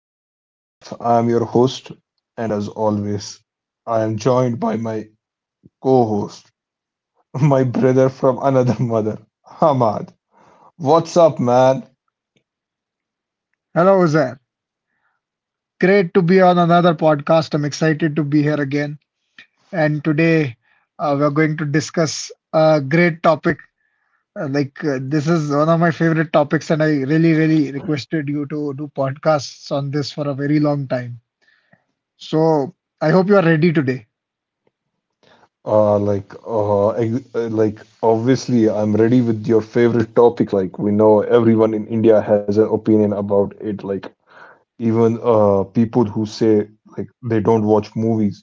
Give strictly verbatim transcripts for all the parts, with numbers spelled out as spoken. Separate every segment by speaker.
Speaker 1: of the podcast. I am your host, and as always, I am joined by my co host, my brother from another mother, Hamad. What's up, man?
Speaker 2: Hello, Uzair. Great to be on another podcast. I'm excited to be here again. And today uh, we're going to discuss a great topic. Uh, like uh, this is one of my favorite topics, and I really, really requested you to do podcasts on this for a very long time. So I hope you are ready today.
Speaker 1: Uh, like, uh, ex- uh, like, obviously, I'm ready with your favorite topic. Like, we know everyone in India has an opinion about it. Like, even uh, people who say like they don't watch movies.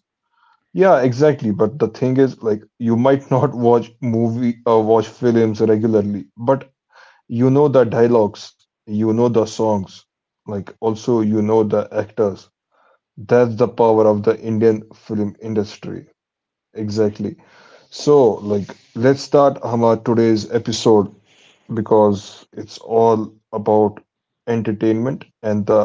Speaker 1: Yeah, exactly. But the thing is, like, you might not watch movie uh, watch films regularly, but you know the dialogues, you know the songs, like also you know the actors. That's the power of the Indian film industry. Exactly. So, like, let's start our today's episode because it's all about entertainment and the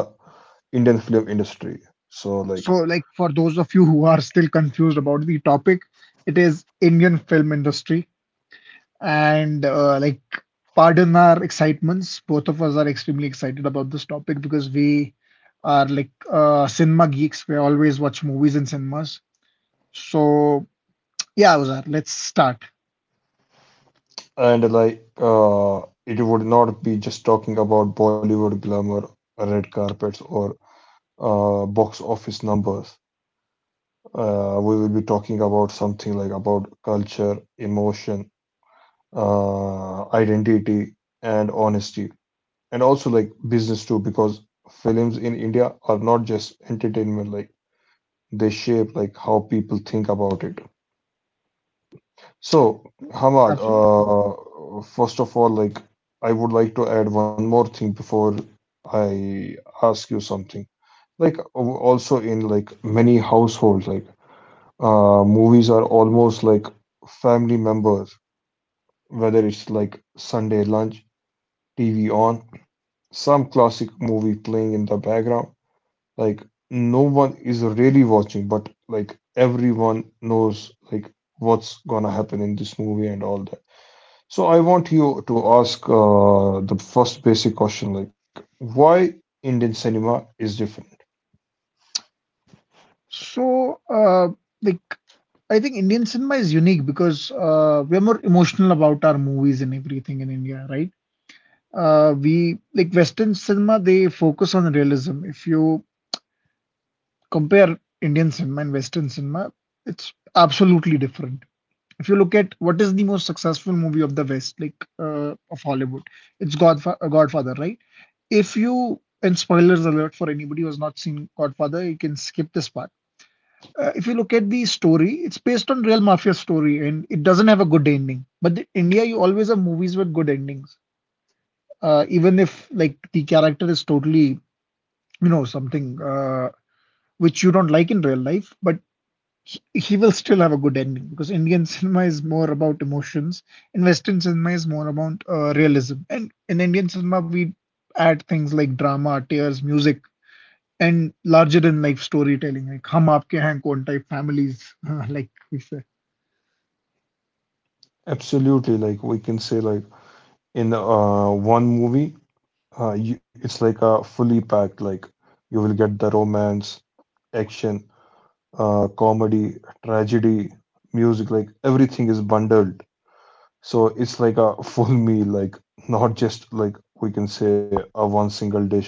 Speaker 1: Indian film industry. So, like,
Speaker 2: So, like for those of you who are still confused about the topic, it is Indian film industry. And uh, like Pardon our excitements. Both of us are extremely excited about this topic because we are like uh, cinema geeks. We always watch movies in cinemas. So yeah, Uzar, let's start.
Speaker 1: and like, uh, it would not be just talking about Bollywood glamour, red carpets, or uh, box office numbers. Uh, we will be talking about something like about culture, emotion, uh, identity, and honesty, and also like business too, because films in India are not just entertainment. Like they shape like how people think about it. So, Hamad,
Speaker 2: Absolutely.
Speaker 1: uh, first of all, like I would like to add one more thing before I ask you something. Like al- also in like many households, like uh, movies are almost like family members, whether it's like Sunday lunch, T V on, some classic movie playing in the background. Like no one is really watching, but like everyone knows like what's gonna happen in this movie and all. So I want you to ask uh, the first basic question, like why Indian cinema is different.
Speaker 2: So uh, like I think Indian cinema is unique because uh, we are more emotional about our movies and everything in India, right? Uh, we like Western cinema, they focus on realism. If you compare Indian cinema and Western cinema, it's absolutely different. If you look at what is the most successful movie of the West, like uh, of Hollywood, it's Godfa- uh, Godfather, right? If you, and spoilers alert for anybody who has not seen Godfather, you can skip this part. Uh, if you look at the story, it's based on real mafia story and it doesn't have a good ending. But in India, you always have movies with good endings, uh, even if like the character is totally, you know, something uh, which you don't like in real life, but he he will still have a good ending because Indian cinema is more about emotions and Western cinema is more about uh, realism. And in Indian cinema, we add things like drama, tears, music, and larger than life storytelling, like hum aapke hain kaun type families, like we say.
Speaker 1: Absolutely, like we can say, like in uh, one movie, uh, you, it's like a fully packed. Like you will get the romance, action, uh, comedy, tragedy, music. Like everything is bundled. So it's like a full meal. Like not just like we can say a one single dish.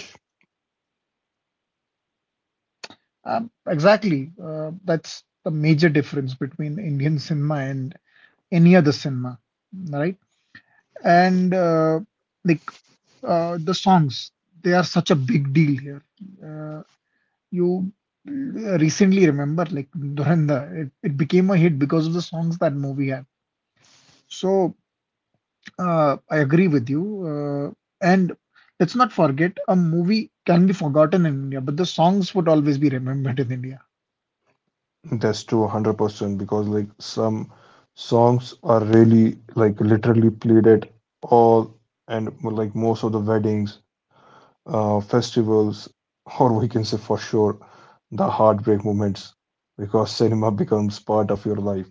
Speaker 2: Um, exactly. Uh, that's the major difference between Indian cinema and any other cinema, right? And uh, like uh, The songs, they are such a big deal here. Uh, you recently remember like Dhurandhar it, it became a hit because of the songs that movie had so uh, I agree with you uh, and let's not forget a movie can be forgotten in India but the songs would always be remembered in India.
Speaker 1: That's true, one hundred percent, because like some songs are really like literally played at all and like most of the weddings, uh, festivals, or we can say for sure the heartbreak moments, because cinema becomes part of your life.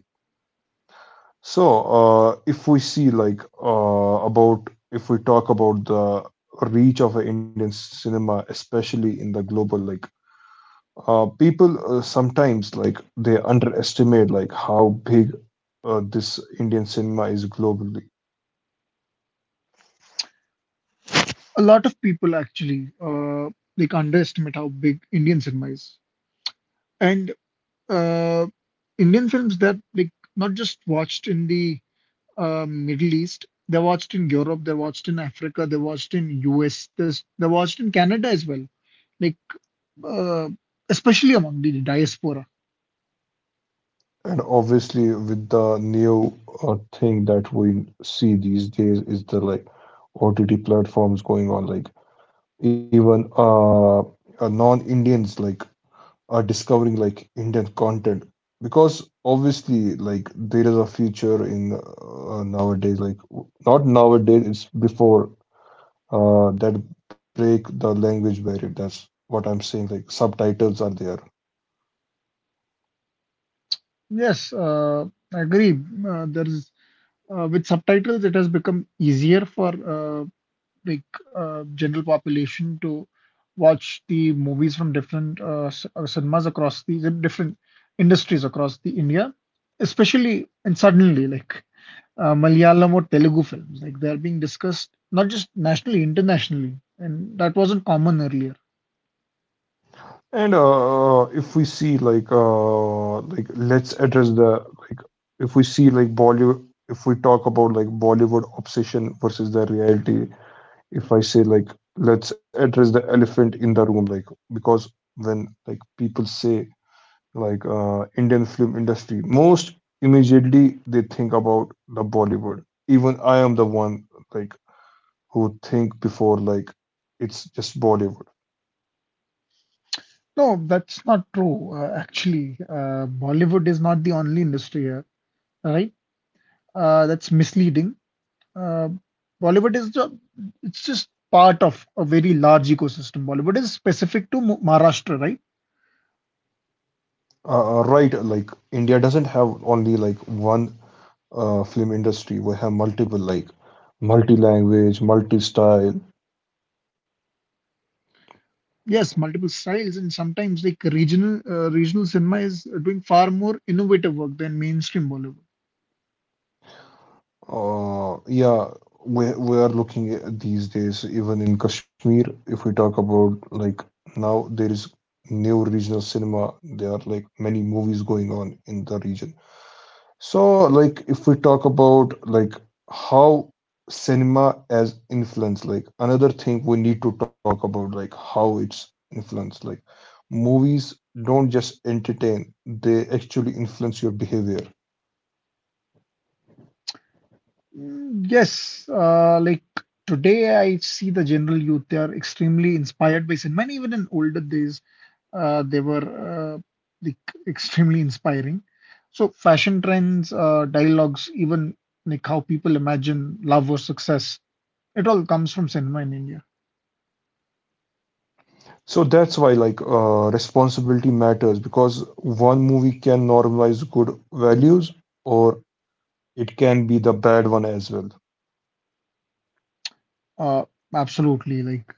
Speaker 1: So, uh, if we see like uh, about if we talk about the reach of a Indian cinema, especially in the global like uh, people uh, sometimes like they underestimate like how big uh, this Indian cinema is globally,
Speaker 2: A lot of people actually uh, like underestimate how big Indian cinema is and uh, Indian films that like not just watched in the uh, Middle East. They watched in Europe, they watched in Africa, they watched in U S, there's- they s- they watched in Canada as well. Like uh, especially among the diaspora.
Speaker 1: and obviously with the new uh, thing that we see these days is the like O T T platforms going on. Like even uh, uh non-Indians like are discovering like Indian content because obviously like there is a future in uh, nowadays like w- not nowadays it's before uh, that break the language barrier. That's what I'm saying. Like subtitles are there,
Speaker 2: Yes, uh, I agree. Uh, there is uh, With subtitles, it has become easier for uh, like uh, general population to watch the movies from different uh, c- uh, cinemas across the the different industries across the India, especially and suddenly like uh, Malayalam or Telugu films, like they are being discussed not just nationally, internationally, and that wasn't common earlier.
Speaker 1: and uh, if we see like uh, like let's address the like if we see like Bollywood, if we talk about like Bollywood obsession versus the reality. If I say like let's address the elephant in the room, like because when like people say like uh, Indian film industry, most immediately they think about the Bollywood. Even I am the one like who think before like it's just Bollywood.
Speaker 2: No, that's not true. Uh, actually, uh, Bollywood is not the only industry here, right? Uh, that's misleading. Uh, Bollywood is ju- it's just part of a very large ecosystem. Bollywood is specific to Mu- Maharashtra, right?
Speaker 1: Uh, uh, right, like India doesn't have only like one uh, film industry. We have multiple, like multi-language, multi-style.
Speaker 2: Yes, multiple styles, and sometimes like regional uh, regional cinema is doing far more innovative work than mainstream Bollywood.
Speaker 1: Uh, yeah, we we are looking at these days even in Kashmir. If we talk about like now, there is new regional cinema. There are like many movies going on in the region. So, like, if we talk about like how cinema as influence, like another thing we need to talk about, like how it's influence. Like, movies don't just entertain; they actually influence your behavior.
Speaker 2: Mm, yes, uh, like today I see the general youth, they are extremely inspired by cinema. And even in older days, uh, they were uh, like extremely inspiring. So fashion trends, uh, dialogues, even like how people imagine love or success, it all comes from cinema in India.
Speaker 1: So that's why like uh, responsibility matters because one movie can normalize good values or it can be the bad one as well.
Speaker 2: Uh, Absolutely, like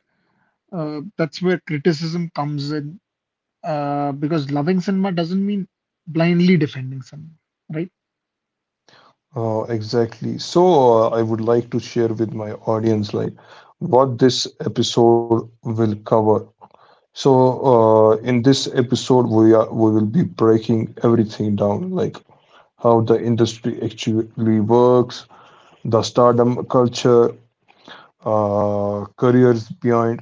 Speaker 2: uh, that's where criticism comes in, uh, because loving cinema doesn't mean blindly defending cinema, right?
Speaker 1: Oh, exactly. So, uh, I would like to share with my audience like what this episode will cover. So, uh, in this episode, we are we will be breaking everything down, like how the industry actually works, the stardom culture, uh, careers beyond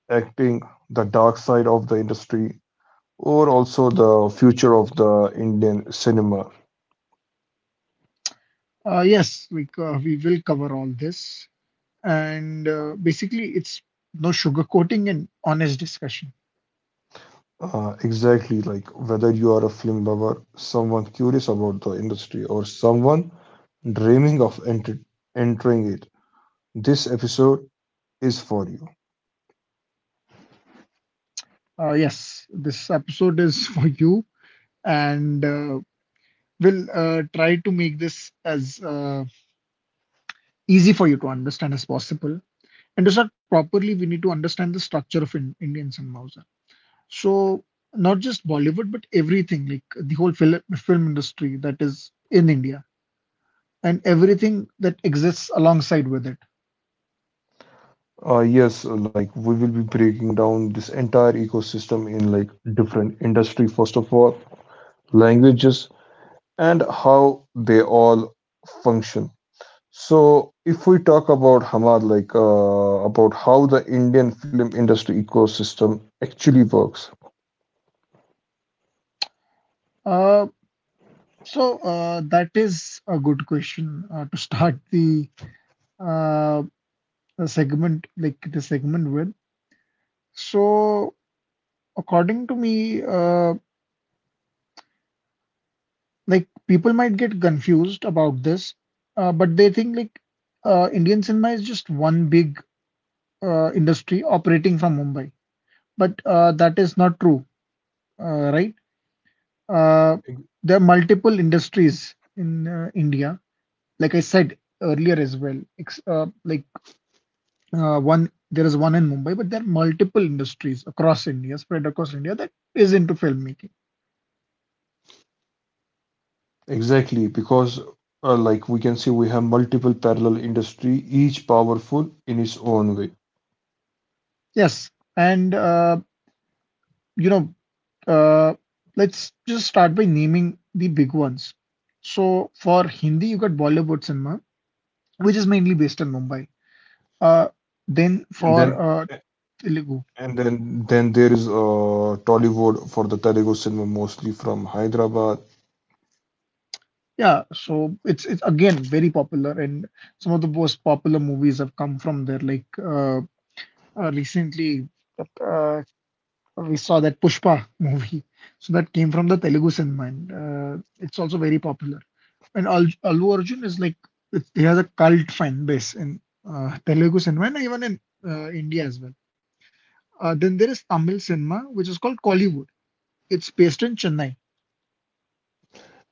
Speaker 1: acting, the dark side of the industry, or also the future of the Indian cinema.
Speaker 2: Uh, yes, we, co- we will cover all this. And uh, basically, it's no sugarcoating and honest discussion.
Speaker 1: Uh, exactly, like whether you are a film lover, someone curious about the industry, or someone dreaming of enter- entering it, this episode is for you.
Speaker 2: Uh, yes, this episode is for you, and uh, we'll uh, try to make this as uh, easy for you to understand as possible. And to start properly, we need to understand the structure of in- Indian cinema also. So, not just Bollywood, but everything like the whole film, film industry that is in India and everything that exists alongside with it.
Speaker 1: Uh, yes, uh, like we will be breaking down this entire ecosystem in like different industry, first of all, languages, and how they all function. So, if we talk about Hamad, like uh, about how the Indian film industry ecosystem actually works.
Speaker 2: Uh, So uh, that is a good question uh, to start the uh, the segment like the segment with. So according to me, uh, like people might get confused about this, uh, but they think like uh, Indian cinema is just one big uh, industry operating from Mumbai. But uh, that is not true, uh, right? Uh, there are multiple industries in uh, India, like I said earlier as well. Ex uh, like Uh, one There is one in Mumbai, but there are multiple industries across India, spread across India that is into filmmaking.
Speaker 1: Exactly, because uh, like we can see we have multiple parallel industry, each powerful in its own way.
Speaker 2: Yes, and uh, you know, uh, let's just start by naming the big ones. So for Hindi, you got Bollywood cinema, which is mainly based in Mumbai. Uh, then
Speaker 1: And
Speaker 2: for
Speaker 1: then
Speaker 2: uh, Telugu,
Speaker 1: and then then there is uh, Tollywood for the Telugu cinema mostly from Hyderabad.
Speaker 2: yeah, so it's it's again very popular, and some of the most popular movies have come from there. Like uh, uh, recently, uh, we saw that Pushpa movie. So that came from the Telugu cinema. And, uh, it's also very popular. And Al- Allu Arjun is like it- he has a cult fan base in uh, Telugu cinema and even in uh, India as well. Uh, then there is Tamil cinema, which is called Kollywood. It's based in Chennai.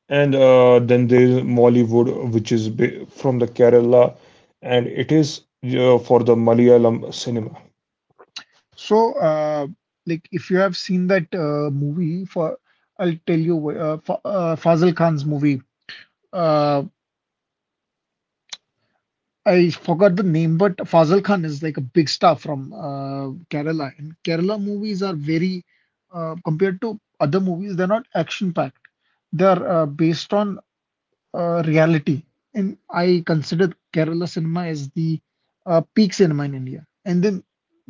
Speaker 1: And uh, then there is Mollywood, which is ba- from the Kerala, and it is uh, for the Malayalam cinema.
Speaker 2: So, uh, like if you have seen that uh, movie for, I'll tell you, wh- uh, Fa- uh, Fazil Khan's movie. Uh, I forgot the name, but Fazal Khan is like a big star from uh, Kerala, and Kerala movies are very uh, compared to other movies, they're not action packed. They're uh, based on uh, reality, and I consider Kerala cinema as the uh, peak cinema in India. And then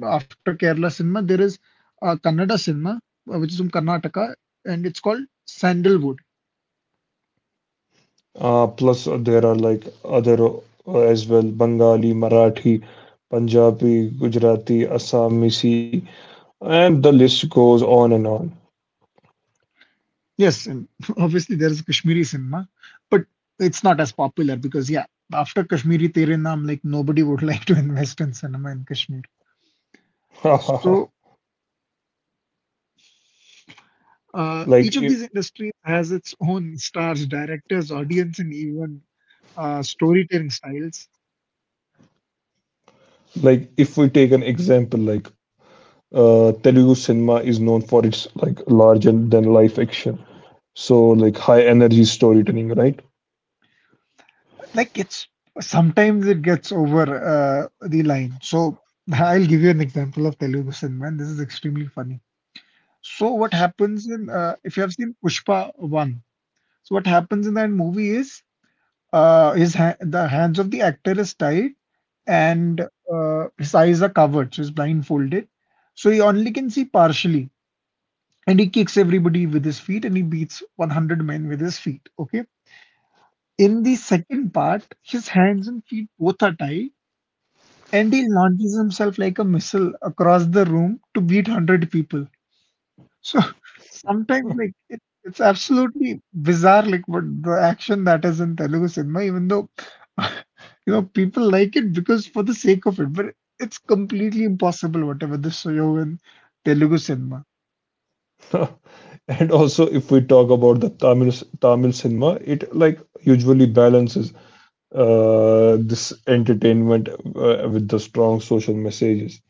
Speaker 2: after Kerala cinema, there is uh, Kannada cinema, uh, which is from Karnataka, and it's called Sandalwood.
Speaker 1: Uh, plus uh, there are like other uh, as well, Bengali, Marathi, Punjabi, Gujarati, Assamese. And the list goes on and on.
Speaker 2: Yes, and obviously there is Kashmiri cinema, but it's not as popular because yeah, after Kashmiri Tere Naam, like nobody would like to invest in cinema in Kashmir. So uh,
Speaker 1: Like,
Speaker 2: each of
Speaker 1: i-
Speaker 2: these industries has its own stars, directors, audience, and even uh, storytelling styles.
Speaker 1: like if we take an example, like uh, Telugu cinema is known for its like larger than life action, so like high energy storytelling, right?
Speaker 2: Like it's sometimes it gets over uh, the line. So I'll give you an example of Telugu cinema, and this is extremely funny. So what happens in uh, if you have seen Pushpa one? So what happens in that movie is Uh, his ha the hands of the actor is tied and uh, his eyes are covered, so he's blindfolded. So he only can see partially. And he kicks everybody with his feet and he beats a hundred men with his feet. Okay. In the second part, his hands and feet both are tied and he launches himself like a missile across the room to beat a hundred people. So sometimes like it, it's absolutely bizarre like what the action that is in Telugu cinema, even though you know people like it because for the sake of it, but it's completely impossible whatever the show in Telugu cinema.
Speaker 1: And also, if we talk about the Tamil c- Tamil cinema, it like usually balances uh, this entertainment uh, with the strong social messages.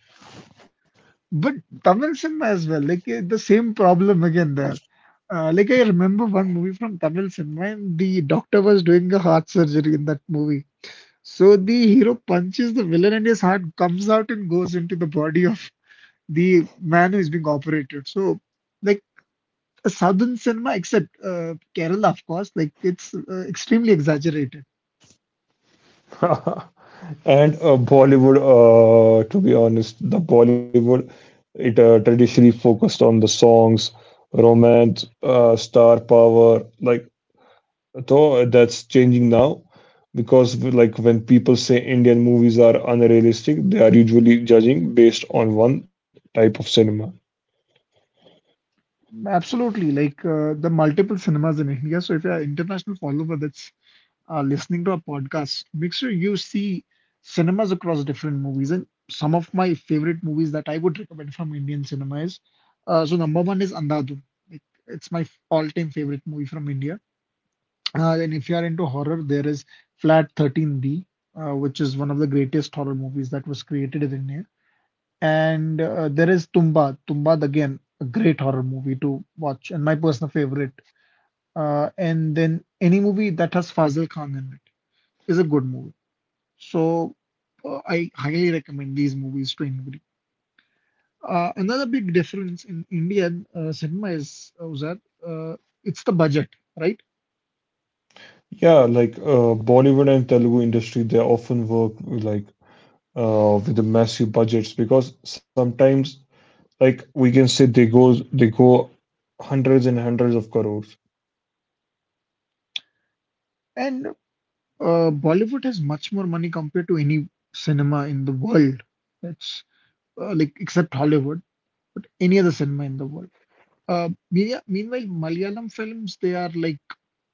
Speaker 2: But Tamil cinema as well, like eh, the same problem again there. Uh, like I remember one movie from Tamil cinema, and the doctor was doing a heart surgery in that movie. So the hero punches the villain, and his heart comes out and goes into the body of the manner is being operated. So, like a southern cinema, except uh, Kerala, of course, like it's uh, extremely exaggerated.
Speaker 1: And uh, Bollywood, uh, to be honest, the Bollywood, it uh, traditionally focused on the songs, romance, uh, star power. Like, though uh, that's changing now because, we- like, when people say Indian movies are unrealistic, they are usually judging based on one type of cinema.
Speaker 2: Absolutely, like uh, the multiple cinemas in India. So, if you're an international follower that's uh, listening to our podcast, make sure you see cinemas across different movies. And some of my favorite movies that I would recommend from Indian cinema is uh, so number one is Andhadhun. Like, it's my all-time favorite movie from India. Uh, then if you are into horror, there is Flat thirteen B, uh, which is one of the greatest horror movies that was created in India. And uh, there is Tumba. Tumbad, again, a great horror movie to watch and my personal favorite. Uh, and then any movie that has Fazil Khan in it is a good movie. So uh, I highly recommend these movies to anybody. Uh, another big difference in Indian uh, cinema is uh, was that uh, it's the budget, right?
Speaker 1: Yeah, like uh, Bollywood and Telugu industry, they often work like uh, with the massive budgets because sometimes like we can say they goes they go hundreds and hundreds of crores.
Speaker 2: And Uh, Bollywood has much more money compared to any cinema in the world. That's uh, like except Hollywood, but any other cinema in the world. Uh, meanwhile, meanwhile, Malayalam films they are like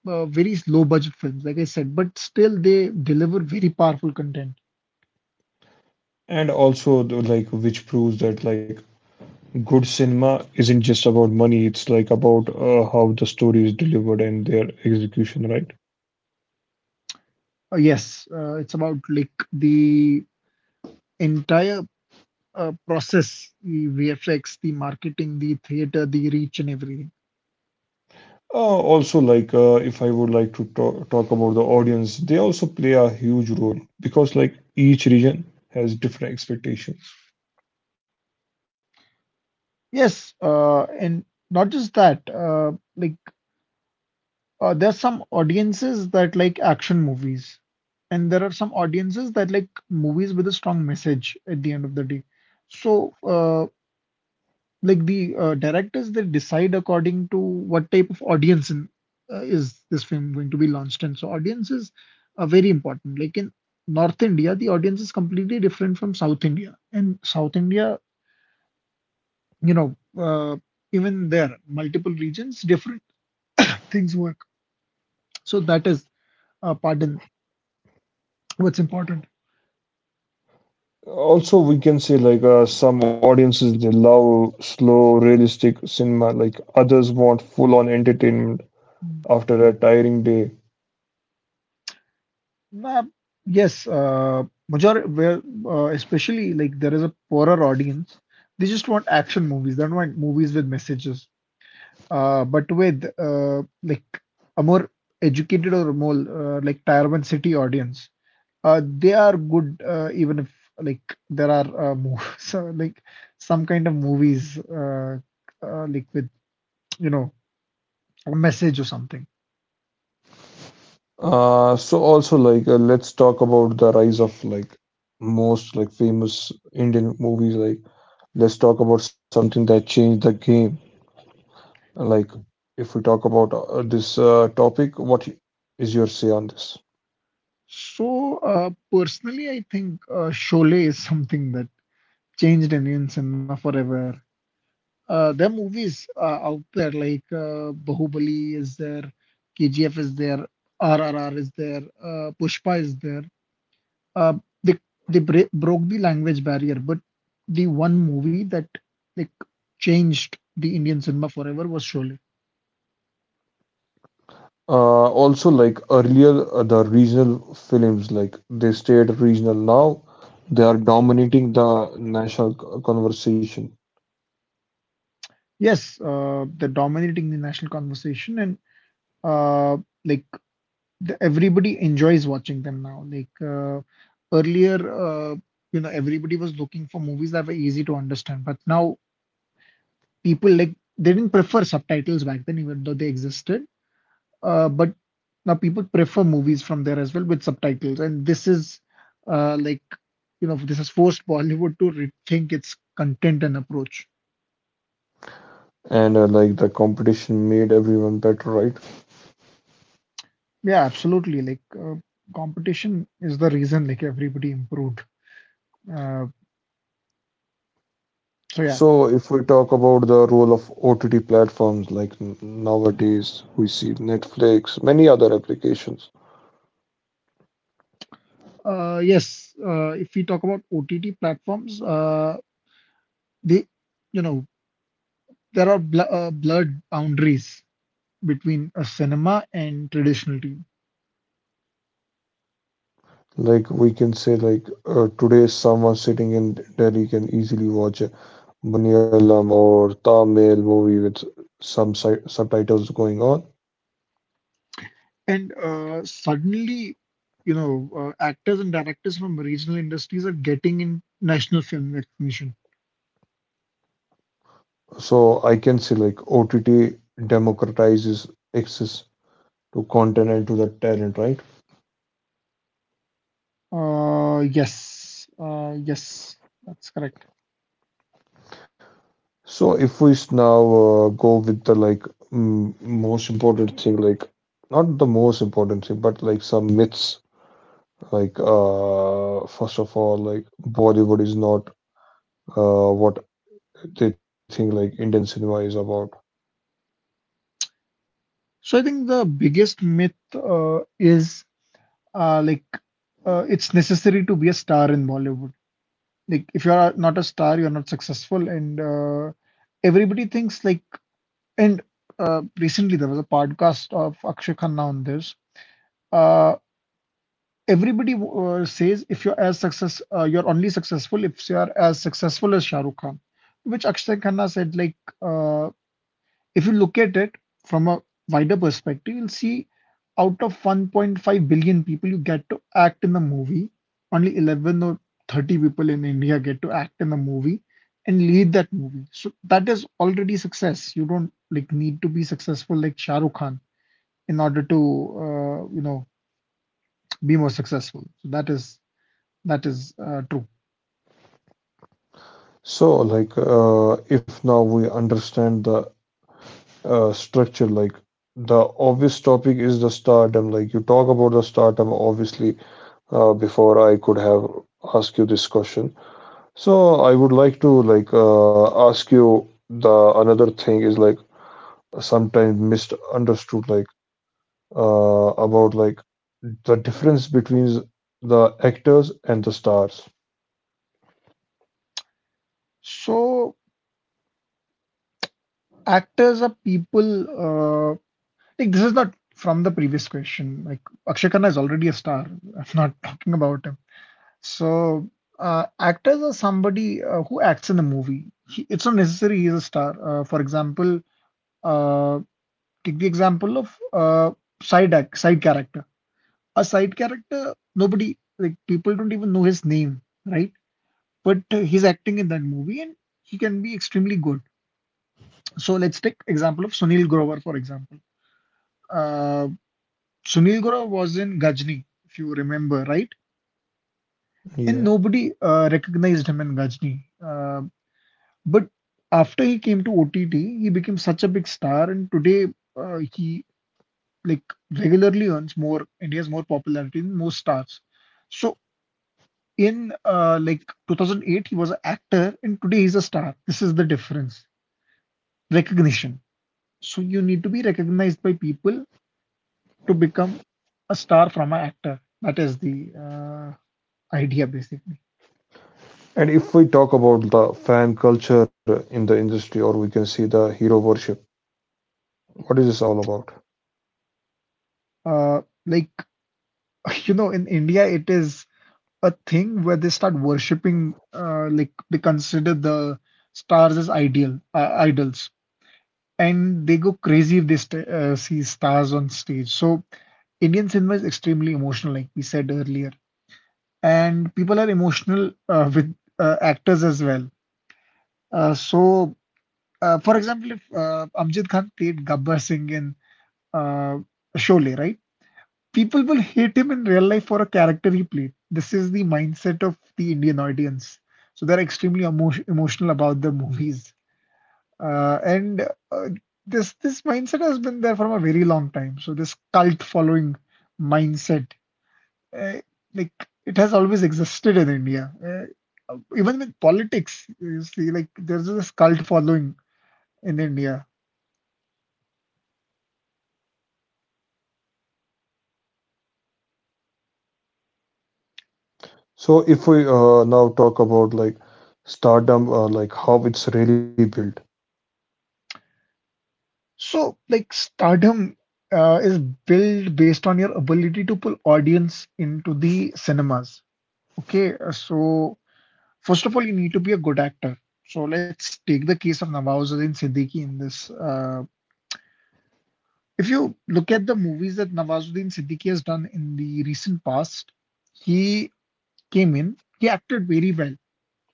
Speaker 2: uh, very low budget films, like I said, but still they deliver very powerful content.
Speaker 1: And also the, like which proves that like good cinema isn't just about money, it's like about uh, how the story is delivered and their execution, right?
Speaker 2: Uh, yes, uh, it's about like the entire uh, process, the V F X, the marketing, the theater, the reach, and everything.
Speaker 1: Uh, also like uh, if I would like to talk, talk about the audience, they also play a huge role because like each region has different expectations.
Speaker 2: Yes, uh, and not just that. Uh, like Uh, there are some audiences that like action movies, and there are some audiences that like movies with a strong message at the end of the day. So, uh, like the uh, directors, they decide according to what type of audience in, uh, is this film going to be launched in. So, audiences are very important. Like in North India, the audience is completely different from South India. And South India, you know, uh, even there, multiple regions, different things work. So, that is, uh, pardon, what's important.
Speaker 1: Also we can say like uh, some audiences they love slow realistic cinema like others want full on entertainment after a tiring day.
Speaker 2: Nah, yes, uh, majority where uh, especially like there is a poorer audience. They just want action movies. They don't want movies with messages. Uh, but with uh, like a more educated or more uh, like Tier one city audience, uh, they are good uh, even if like there are uh, mo so, like some kind of movies uh, uh, like with you know a message or something.
Speaker 1: Uh, so also like uh, let's talk about the rise of like most like famous Indian movies. Like let's talk about something that changed the game. Like if we talk about uh, this uh, topic, what is your say on this?
Speaker 2: So uh, personally, I think uh, Sholay is something that changed Indian cinema forever. Uh, there are movies uh, out there like uh, Bahubali is there, K G F is there, R R R is there, uh, Pushpa is there. Uh, they they bra- broke the language barrier, but the one movie that like changed the Indian cinema forever was Sholay.
Speaker 1: Uh, also like earlier uh, the regional films like they stayed regional. Now they are dominating the national c- conversation.
Speaker 2: Yes, uh, they're dominating the national conversation and uh, like the, everybody enjoys watching them now. Like uh, earlier, uh, you know, everybody was looking for movies that were easy to understand, but now people like they didn't prefer subtitles back then, even though they existed. Uh, but now people prefer movies from there as well with subtitles, and this is uh, like you know, this has forced Bollywood to rethink its content and approach.
Speaker 1: And uh, like the competition made everyone better, right?
Speaker 2: Yeah, absolutely. Like uh, competition is the reason like everybody improved. Uh, so yeah,
Speaker 1: So, if we talk about the role of O T T platforms, like n- nowadays we see Netflix, many other applications.
Speaker 2: Uh, yes, uh, if we talk about O T T platforms, uh, they, you know, there are bl uh, blurred boundaries between a cinema and traditional T V.
Speaker 1: Like we can say, like uh, today, someone sitting in Delhi can easily watch a Malayalam or Tamil movie with some si- subtitles going on.
Speaker 2: And uh, suddenly, you know, uh, actors and directors from regional industries are getting in national film recognition.
Speaker 1: So I can say, like O T T democratizes access to content and to the talent, right?
Speaker 2: Uh, yes, uh, yes, that's correct.
Speaker 1: So if we s- now uh, go with the like m most important thing, like not the most important thing, but like some myths, like uh, first of all, like Bollywood is not uh, what they think like Indian cinema is about.
Speaker 2: So I think the biggest myth uh, is uh, like uh, it's necessary to be a star in Bollywood. Like if you're not a star, you're not successful, and uh, everybody thinks like and uh, recently there was a podcast of Akshay Khanna on this. uh, Everybody uh, says if you're as success uh, you're only successful if you're as successful as shahrukh khan, which Akshay Khanna said. Like uh, if you look at it from a wider perspective, you'll see out of one point five billion people you get to act in the movie, only eleven or thirty people in India get to act in the movie and lead that movie. So that is already success. You don't like need to be successful like Shah Rukh Khan in order to uh, you know be more successful. So that is that is uh, true.
Speaker 1: So like uh, if now we understand the uh, structure, like the obvious topic is the stardom. Like you talk about the stardom, obviously. Uh, before I could have asked you this question. So I would like to like uh, ask you the another thing is like sometimes misunderstood like uh, about like the difference between the actors and the stars.
Speaker 2: So actors are people uh, like, this is not from the previous question. Like, Akshay Khanna is already a star. I'm not talking about him. So, uh, actors are somebody uh, who acts in a movie. He, it's not necessary he's a star. Uh, for example, uh, take the example of uh, side act, side character. A side character, nobody like people don't even know his name, right? But uh, he's acting in that movie, and he can be extremely good. So let's take example of Sunil Grover, for example. Uh, Sunil Gora was in Gajni, if you remember, right? And
Speaker 1: Yeah.
Speaker 2: nobody uh, recognized him in Gajni. Uh, but after he came to O T T, he became such a big star, and today uh, he like regularly earns more and he has more popularity than most stars. So in uh, like two thousand eight, he was an actor, and today he's a star. This is the difference, recognition. So you need to be recognized by people to become a star from an actor. That is the uh, idea, basically.
Speaker 1: And if we talk about the fan culture in the industry, or we can see the hero worship, what is this all about?
Speaker 2: Uh, like you know, in India, it is a thing where they start worshipping, uh, like they consider the stars as ideal uh, idols, and they go crazy if they st uh, see stars on stage. So Indian cinema is extremely emotional, like we said earlier, and people are emotional uh, with uh, actors as well. Uh, so, uh, for example, if uh, Amjad Khan played Gabbar Singh in uh, Sholay, right? People will hate him in real life for a character he played. This is the mindset of the Indian audience. So they're extremely emo- emotional about the movies. Uh, and uh, this this mindset has been there from a very long time. So this cult following mindset, uh, like, it has always existed in India. Uh, even with politics, you see, like there's this cult following in India.
Speaker 1: So if we uh, now talk about like stardom, uh, like how it's really built.
Speaker 2: So, like, stardom uh, is built based on your ability to pull audience into the cinemas. Okay, uh, so first of all, you need to be a good actor. So let's take the case of Nawazuddin Siddiqui in this. Uh, if you look at the movies that Nawazuddin Siddiqui has done in the recent past, he came in, he acted very well.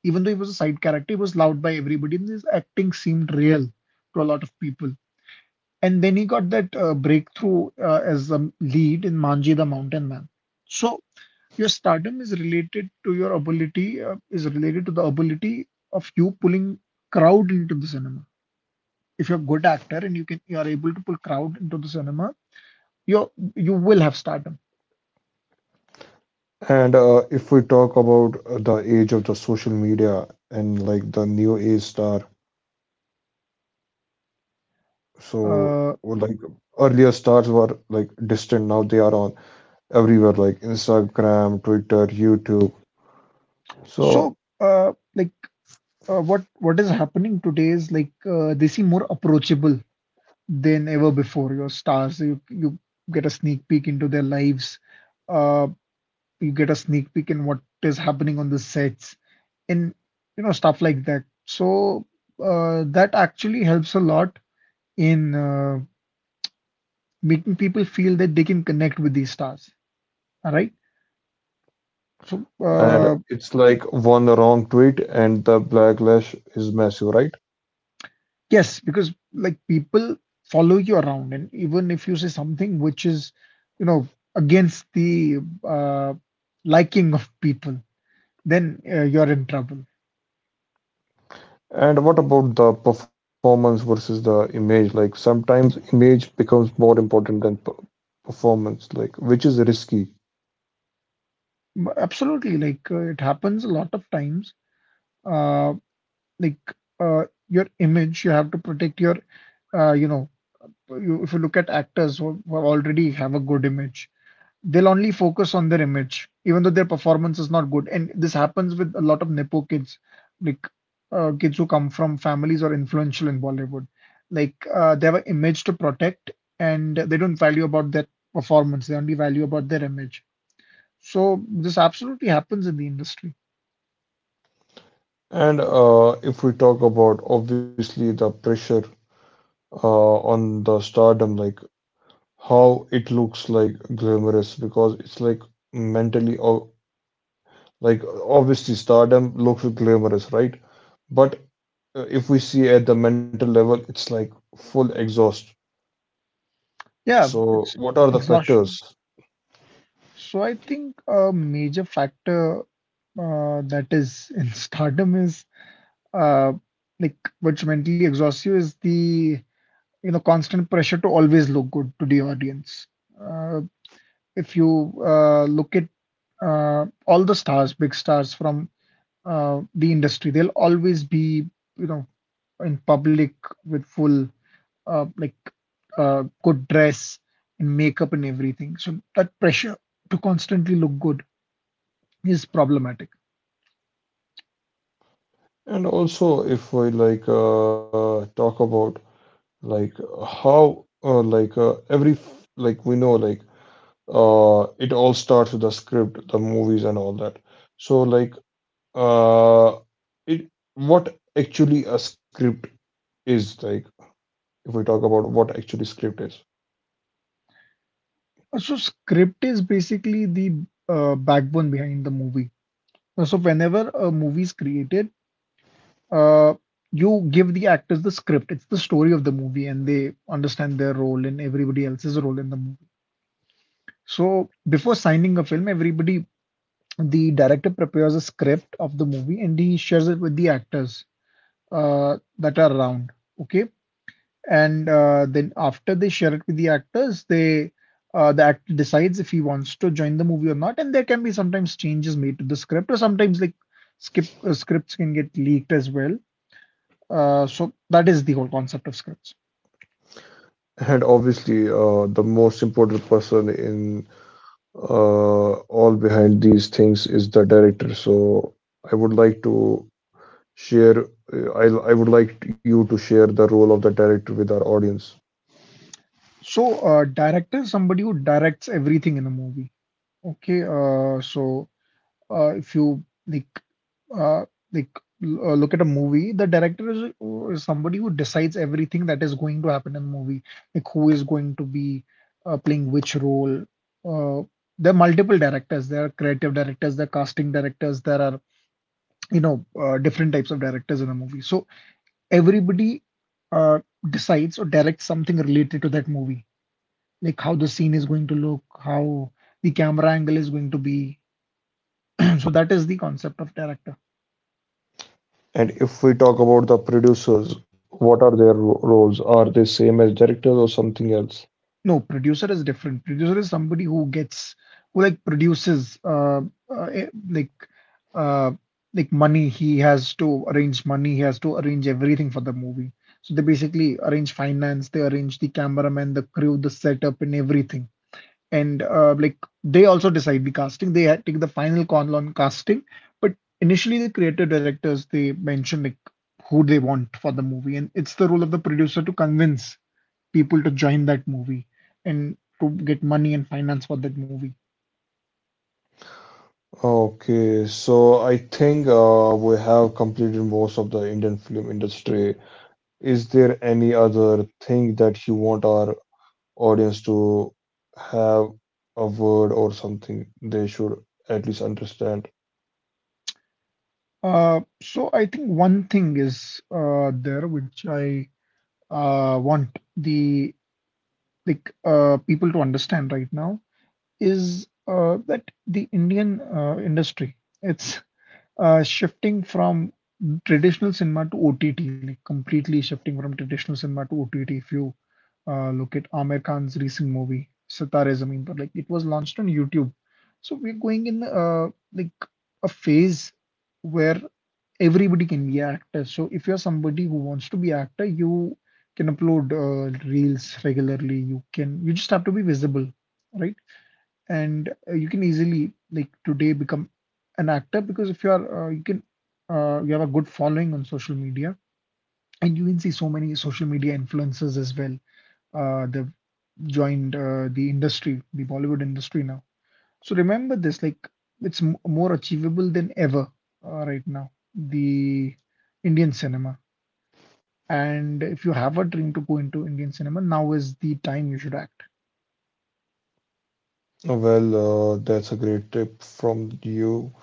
Speaker 2: Even though he was a side character, he was loved by everybody, and his acting seemed real to a lot of people. And then he got that uh, breakthrough uh, as a lead in Manji the Mountain Man. So your stardom is related to your ability, uh, is related to the ability of you pulling crowd into the cinema. If you're a good actor and you can, you are able to pull crowd into the cinema, you you will have stardom.
Speaker 1: And uh, if we talk about uh, the age of the social media and like the new age star, so or,
Speaker 2: Uh,
Speaker 1: like earlier stars were like distant, now they are on everywhere like Instagram, Twitter, YouTube.
Speaker 2: so
Speaker 1: So,
Speaker 2: uh, like uh, what what is happening today is like uh, they seem more approachable than ever before. Your stars, you you get a sneak peek into their lives. Uh, you get a sneak peek in what is happening on the sets and you know stuff like that. So uh, that actually helps a lot in uh, making people feel that they can connect with these stars. All right. So
Speaker 1: and
Speaker 2: uh,
Speaker 1: it's like one wrong tweet and the backlash is massive, right?
Speaker 2: yes, because like people follow you around, and even if you say something which is you know against the uh, liking of people, then uh, you're in trouble.
Speaker 1: And what about the performance versus the image? Like sometimes image becomes more important than per performance, like which is risky.
Speaker 2: M- Absolutely, like uh, it happens a lot of times. Uh, like uh, your image, you have to protect your uh, you know you, if you look at actors who, who already have a good image, they'll only focus on their image even though their performance is not good, and this happens with a lot of nepo kids. Like uh, kids who come from families or influential in Bollywood, like uh, they have an image to protect, and they don't value about their performance, they only value about their image. So this absolutely happens in the industry.
Speaker 1: And uh, if we talk about obviously the pressure uh, on the stardom, like how it looks like glamorous because it's like mentally, o- like obviously stardom looks glamorous, right? But uh, if we see at the mental level, it's like full exhaust.
Speaker 2: Yeah,
Speaker 1: So
Speaker 2: it's
Speaker 1: what are the
Speaker 2: exhaustion.
Speaker 1: factors?
Speaker 2: So I think a major factor uh, that is in stardom is uh, like which mentally exhausts you is the you know constant pressure to always look good to the audience. Uh, if you uh, look at uh, all the stars, big stars from uh, the industry, they'll always be you know in public with full uh, like uh, good dress and makeup and everything. So that pressure to constantly look good is problematic.
Speaker 1: And also if we like uh, talk about like how uh, like uh, every f- like we know like uh it all starts with the script, the movies and all that. So like uh it, what actually a script is, like if we talk about what actually script is.
Speaker 2: So script is basically the uh, backbone behind the movie. So whenever a movie is created, uh, you give the actors the script. It's the story of the movie, and they understand their role and everybody else's role in the movie. So before signing a film, everybody, the director prepares a script of the movie and he shares it with the actors uh, that are around. Okay, and uh, then after they share it with the actors, they uh, the actor decides if he wants to join the movie or not, and there can be sometimes changes made to the script, or sometimes like skip uh, scripts can get leaked as well. Uh, so that is the whole concept of scripts.
Speaker 1: And obviously uh the most important person in uh all behind these things is the director, so I would like to share I I would like you to share the role of the director with our audience.
Speaker 2: So uh, director is somebody who directs everything in a movie. Okay, uh, so uh, if you like uh, like l- uh, look at a movie, the director is, is somebody who decides everything that is going to happen in the movie, like who is going to be uh, playing which role. Uh, there are multiple directors. There are creative directors, there are casting directors, there are you know uh, different types of directors in a movie. So everybody uh, decides or directs something related to that movie, like how the scene is going to look, how the camera angle is going to be. So that is the concept of director.
Speaker 1: And if we talk about the producers, what are their ro- roles? Are they same as directors or something else?
Speaker 2: No, producer is different. Producer is somebody who gets who like produces uh, uh eh, like uh like money. He has to arrange money. He has to arrange everything for the movie. So they basically arrange finance. They arrange the cameraman, the crew, the setup, and everything. And uh, like they also decide the casting. They had- take the final call on casting. But initially, the creative directors they mention like who they want for the movie, and it's the role of the producer to convince people to join that movie and to get money and finance for that movie.
Speaker 1: Okay, so I think uh, we have completed most of the Indian film industry. Is there any other thing that you want our audience to have a word or something they should at least understand?
Speaker 2: Uh, so I think one thing is uh, there which I uh, want the like uh, people to understand right now is uh, that the Indian uh, industry, it's uh, shifting from traditional cinema to O T T, like completely shifting from traditional cinema to O T T. If you uh, look at Aamir Khan's recent movie Sitare Zameen Par. Like it was launched on YouTube. So we're going in uh, like a phase where everybody can be an actor. So if you're somebody who wants to be an actor, you can upload uh, reels regularly. You can you just have to be visible, right? And uh, you can easily like today become an actor because if you are uh, you can uh, you have a good following on social media, and you can see so many social media influencers as well uh, the joined uh, the industry, the Bollywood industry now. So remember this, like it's m more achievable than ever uh, right now, the Indian cinema. And if you have a dream to go into Indian cinema, now is the time you should act.
Speaker 1: Well, uh, that's a great tip from you.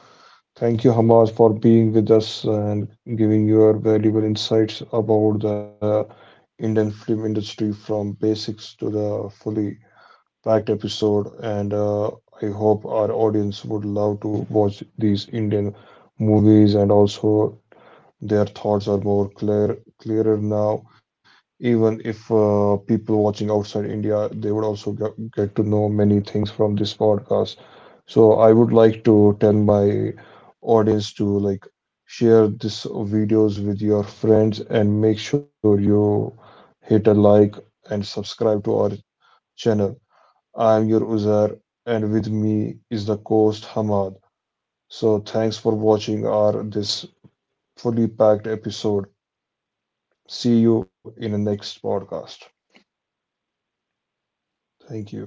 Speaker 1: Thank you, Hamaz, for being with us and giving your valuable insights about the Indian film industry from basics to the fully packed episode. And uh, I hope our audience would love to watch these Indian movies and also their thoughts are more clear, clearer now. Even if uh, people watching outside India, they would also get, get to know many things from this podcast. So I would like to tell my audience to like share this videos with your friends and make sure you hit a like and subscribe to our channel. I am your Uzair and with me is the host Hamad. So thanks for watching our this fully packed episode. See you in the next podcast. Thank you.